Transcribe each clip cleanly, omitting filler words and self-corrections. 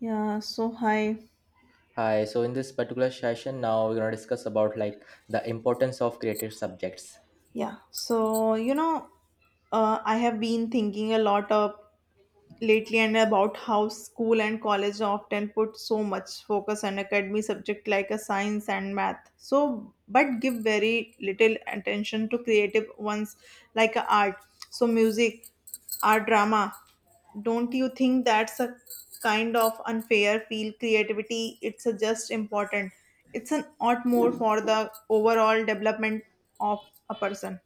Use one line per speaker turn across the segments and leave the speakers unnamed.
Yeah, so hi.
Hi, so in this particular session now we're going to discuss about like the importance of creative subjects.
Yeah, so you know, I have been thinking a lot of lately and about how school and college often put so much focus on academy subject like a science and math. So, but give very little attention to creative ones like a art, so music. Our drama. Don't you think that's a kind of unfair feel creativity? It's a just important. It's an ought more for the overall development of a person.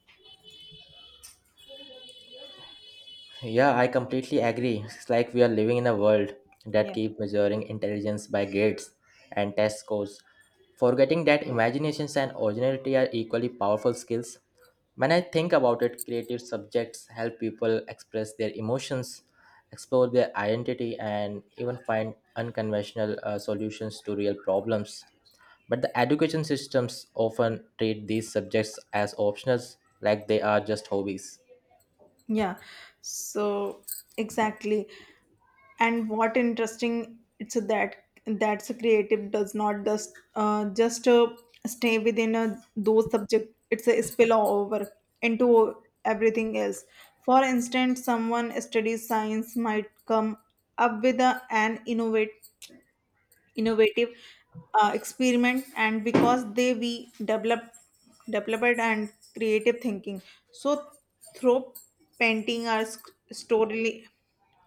Yeah, I completely agree. It's like we are living in a world that
Yeah.
keeps measuring intelligence by grades and test scores, forgetting that imaginations and originality are equally powerful skills. When I think about it, creative subjects help people express their emotions, explore their identity, and even find unconventional solutions to real problems. But the education systems often treat these subjects as optionals, like they are just hobbies.
Yeah. So exactly. And what interesting it's that that's a creative does not just stay within a, those subject it's a spill over into everything else. For instance someone studies science might come up with a, an innovative experiment and because they we developed and creative thinking so through painting or story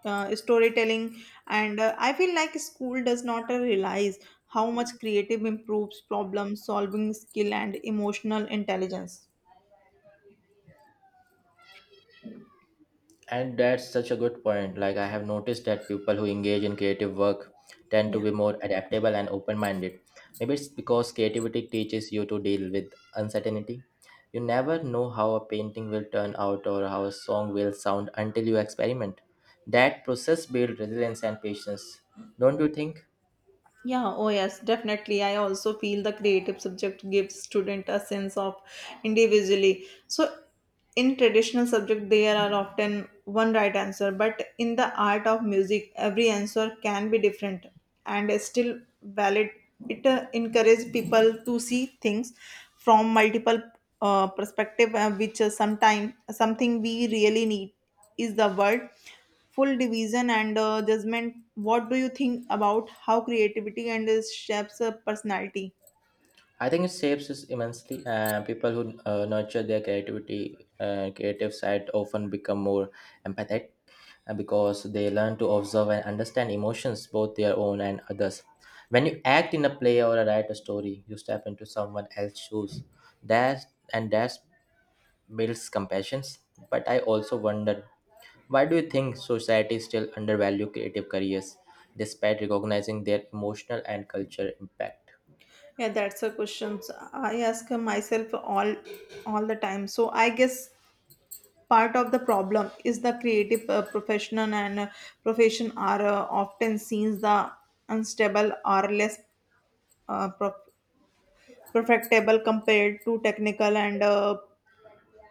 storytelling. And I feel like school does not realize how much creative improves problem solving skill and emotional intelligence.
And that's such a good point. Like, I have noticed that people who engage in creative work tend to
Yeah.
be more adaptable and open minded. Maybe it's because creativity teaches you to deal with uncertainty. You never know how a painting will turn out or how a song will sound until you experiment. That process builds resilience and patience, don't you think?
Yeah, oh yes, definitely. I also feel the creative subject gives student a sense of individually. So in traditional subject there are often one right answer, but in the art of music every answer can be different and is still valid. It encourages people to see things from multiple perspective, which sometimes something we really need is the word full division and judgment. What do you think about how creativity and shapes a personality?
I think it shapes us immensely. People who nurture their creativity, creative side, often become more empathetic because they learn to observe and understand emotions, both their own and others. When you act in a play or write a story, you step into someone else's shoes. That that builds compassion. But I also wonder, why do you think society still undervalue creative careers, despite recognizing their emotional and cultural impact?
Yeah, that's a question. So, I ask myself all the time. So I guess part of the problem is the creative professional and profession are often seen the unstable or less uh, pro- perfectable compared to technical and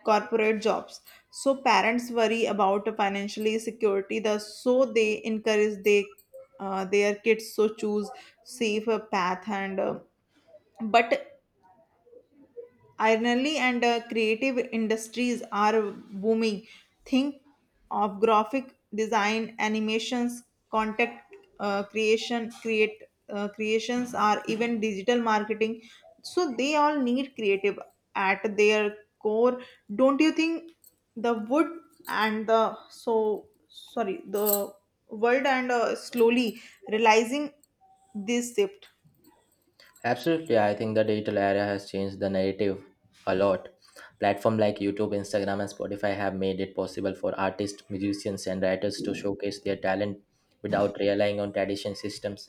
corporate jobs. So parents worry about financially security the so they encourage they their kids so choose safer path and but ironically, and creative industries are booming. Think of graphic design, animations, content uh, creation, create creations, or even digital marketing. So they all need creative at their core. Don't you think the wood and the so sorry the world and slowly realizing this shift?
Absolutely, I think the digital era has changed the narrative a lot. Platform like YouTube, Instagram, and Spotify have made it possible for artists, musicians, and writers to showcase their talent without relying on traditional systems.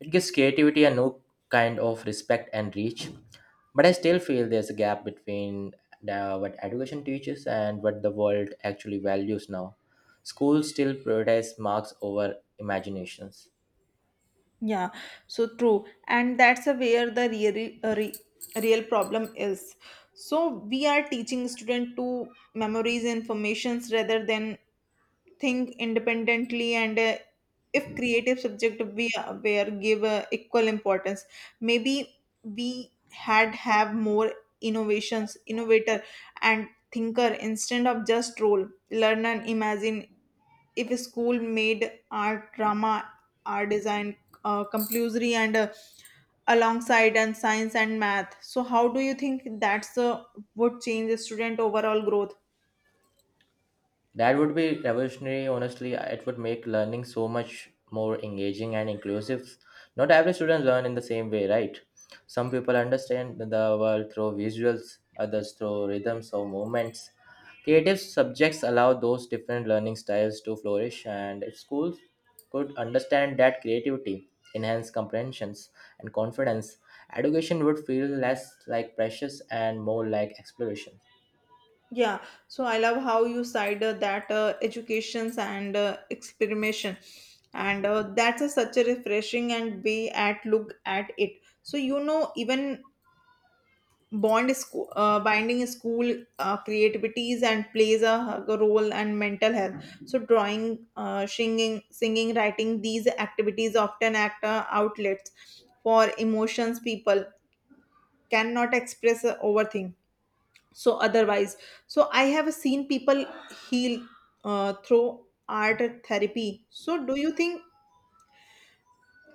It gives creativity a new kind of respect and reach. But I still feel there's a gap between what education teaches and what the world actually values now. Schools still prioritize marks over imaginations.
Yeah, so true. And that's a where the real problem is. So we are teaching student to memorize informations rather than think independently. And If creative subject we were give equal importance, maybe we had have more innovations innovator and thinker instead of just role learn and imagine. If a school made art drama art design compulsory and alongside and science and math, so how do you think that's would change the student overall growth?
That would be revolutionary, honestly. It would make learning so much more engaging and inclusive. Not every student learn in the same way, right? Some people understand the world through visuals, others through rhythms or movements. Creative subjects allow those different learning styles to flourish, and if schools could understand that creativity, enhance comprehensions and confidence, education would feel less like precious and more like exploration.
Yeah, so I love how you side that educations and experimentation and that's a, such a refreshing and way at look at it. So you know even binding is school creativities and plays a role and mental health. So drawing, singing, writing, these activities often act outlets for emotions people cannot express over thing, so otherwise. So I have seen people heal through art therapy. So do you think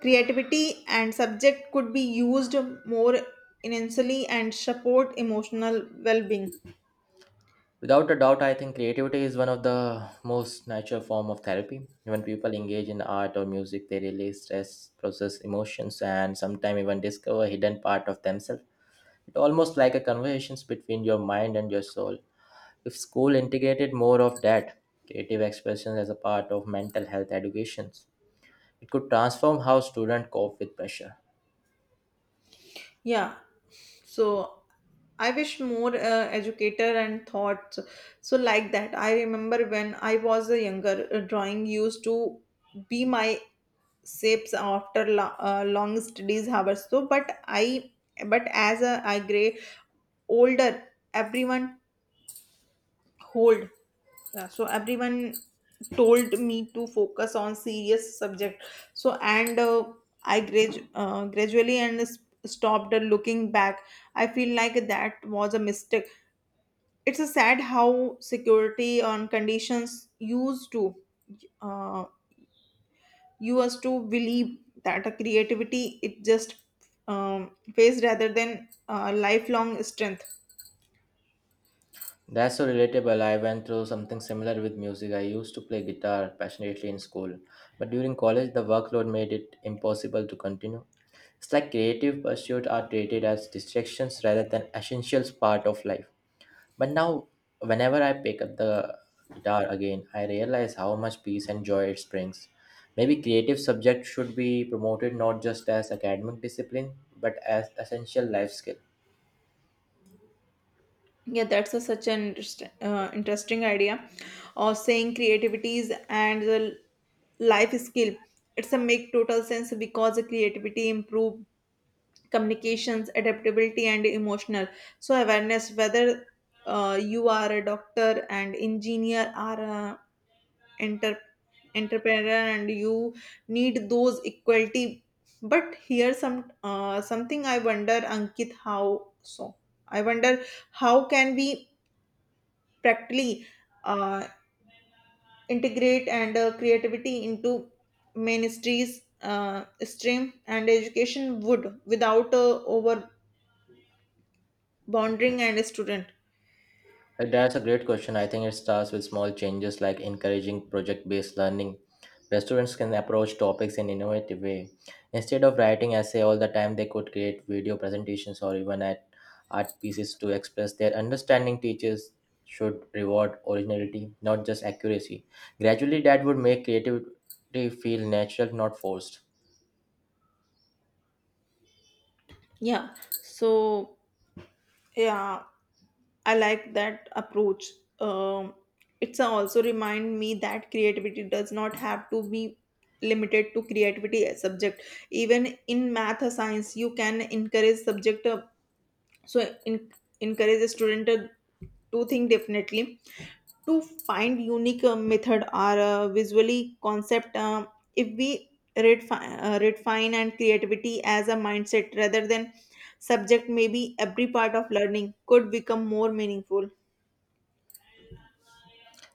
creativity and subject could be used more intensely and support emotional well-being?
Without a doubt, I think creativity is one of the most natural form of therapy. When people engage in art or music, they release stress, process emotions, and sometimes even discover hidden part of themselves. It's almost like a conversations between your mind and your soul. If school integrated more of that creative expression as a part of mental health educations, it could transform how students cope with pressure.
Yeah. So I wish more educator and thoughts. So like that, I remember when I was a younger, drawing used to be my shapes after long studies hours. So, but I, but as a, I gray older, everyone hold, yeah, so everyone told me to focus on serious subject. So and I gradually stopped looking back. I feel like that was a mistake. It's a sad how security on conditions uh, used to believe that a creativity it just phase rather than lifelong strength.
That's so relatable. I went through something similar with music. I used to play guitar passionately in school, but during college, the workload made it impossible to continue. It's like creative pursuits are treated as distractions rather than essential part of life. But now, whenever I pick up the guitar again, I realize how much peace and joy it brings. Maybe creative subjects should be promoted not just as academic discipline, but as essential life skill.
Yeah, that's a, such an interesting idea of saying creativities and the life skill. It's a make total sense because the creativity improve communications adaptability and emotional so awareness whether you are a doctor and engineer or a enter- entrepreneur, and you need those equality. But here some something I wonder, ankit, how so I wonder how can we practically uh, integrate and creativity into ministries stream and education would without over bonding and student?
That's a great question. I think it starts with small changes like encouraging project based learning. Restaurants can approach topics in innovative way. Instead of writing essay all the time, they could create video presentations or even add art pieces to express their understanding. Teachers should reward originality, not just accuracy. Gradually, that would make creativity feel natural, not forced.
Yeah, so yeah, I like that approach. Um, it's also remind me that creativity does not have to be limited to creativity as subject. Even in math or science you can encourage subject, so in, encourage a student to think definitely, to find unique method or visually concept. Um, if we redefine and creativity as a mindset rather than subject, maybe every part of learning could become more meaningful.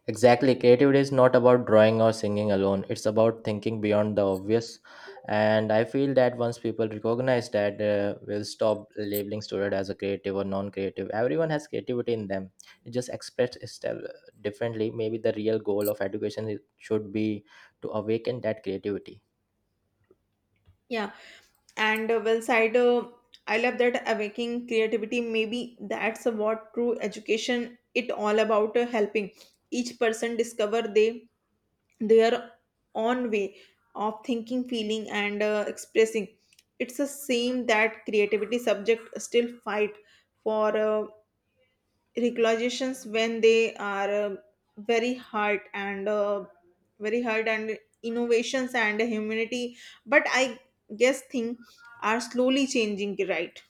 Exactly. Creativity is not about drawing or singing alone. It's about thinking beyond the obvious. And I feel that once people recognize that, we'll stop labeling student as a creative or non-creative. Everyone has creativity in them. It just expressed itself differently. Maybe the real goal of education should be to awaken that creativity.
Yeah, and well side, I love that awakening creativity. Maybe that's what true education it all about, helping each person discover they their own way of thinking, feeling, and expressing. It's the same that creativity subject still fight for regulations when they are very hard and uh, very hard and innovations and humanity. But I guess things are slowly changing, right?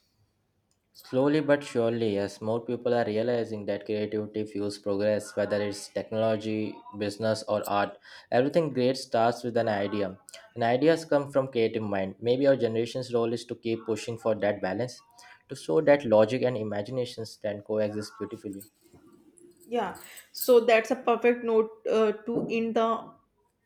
Slowly but surely, as more people are realizing that creativity fuels progress, whether it's technology, business, or art, everything great starts with an idea. And ideas come from creative mind. Maybe our generation's role is to keep pushing for that balance, to show that logic and imaginations can coexist beautifully.
Yeah, so that's a perfect note to end the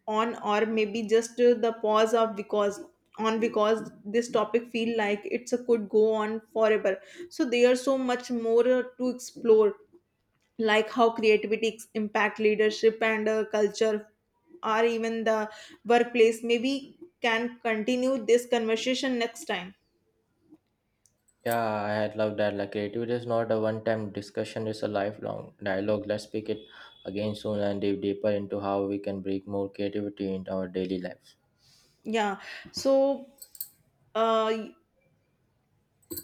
on, or maybe just the pause of because this topic feel like it's a could go on forever. So there's so much more to explore, like how creativity impact leadership and culture, or even the workplace. Maybe can continue this conversation next time.
Yeah, I had loved that. Like creativity is not a one-time discussion; it's a lifelong dialogue. Let's pick it again soon and dive deeper into how we can bring more creativity into our daily lives.
Yeah, so. Uh,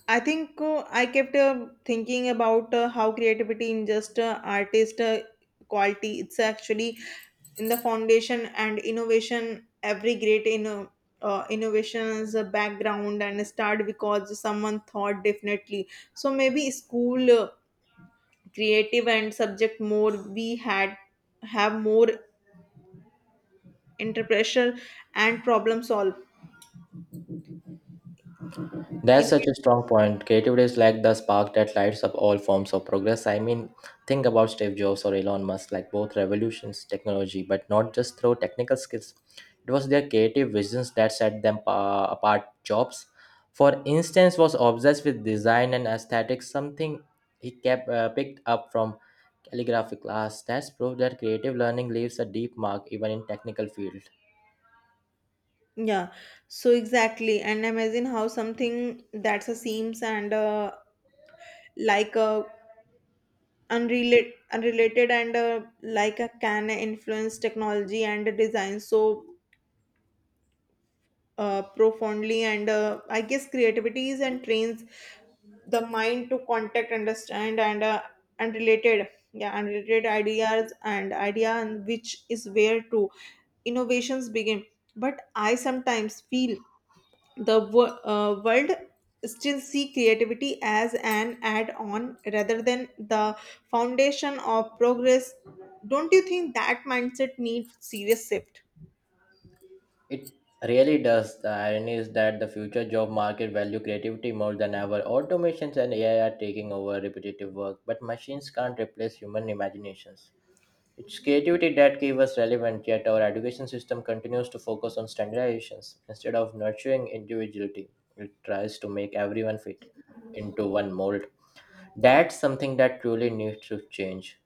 I think I kept thinking about how creativity in just artist quality it's actually in the foundation and innovation every great in innovations background and start because someone thought definitely. So maybe school creative and subject more, we had have more interpretation and problem solve.
That's such a strong point. Creativity is like the spark that lights up all forms of progress. I mean, think about Steve Jobs or Elon Musk, like both revolutions technology, but not just through technical skills. It was their creative visions that set them apart. Jobs, for instance, was obsessed with design and aesthetics, something he kept picked up from calligraphy class. That's proof that creative learning leaves a deep mark even in technical field.
Yeah, so exactly. And imagine how something that's a seems and like a unrelated and like a can influence technology and design so profoundly. And I guess creativity is and trains the mind to contact, understand, and unrelated ideas and idea, and which is where to innovations begin. But I sometimes feel world still see creativity as an add-on rather than the foundation of progress. Don't you think that mindset needs serious shift?
It really does. The irony is that the future job market value creativity more than ever. Automations and AI are taking over repetitive work, but machines can't replace human imaginations. It's creativity that keeps us relevant, yet our education system continues to focus on standardizations instead of nurturing individuality. It tries to make everyone fit into one mold. That's something that truly needs to change.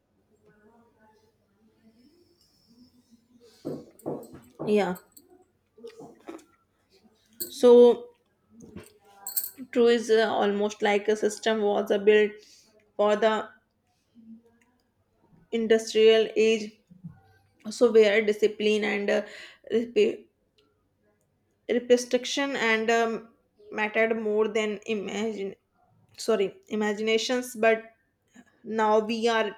Yeah. So true is almost like a system was a built for the industrial age. So where discipline and rep- restriction and mattered more than imagine sorry imaginations. But now we are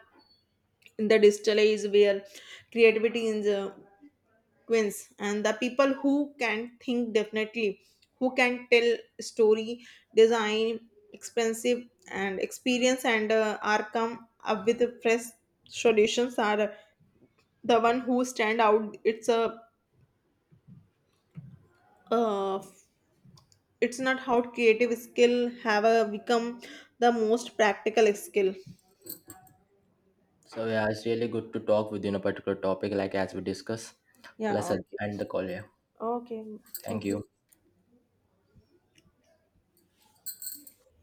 the digital age where creativity is a quince and the people who can think definitely, who can tell story, design, expensive and experience, and are come up with fresh solutions are the one who stand out. It's a uh, it's not how creative skill have a become the most practical skill.
So yeah, it's really good to talk within a particular topic like as we discuss. So let's
Yeah, okay.
end the call here.
Okay,
Thank
thank you.
you.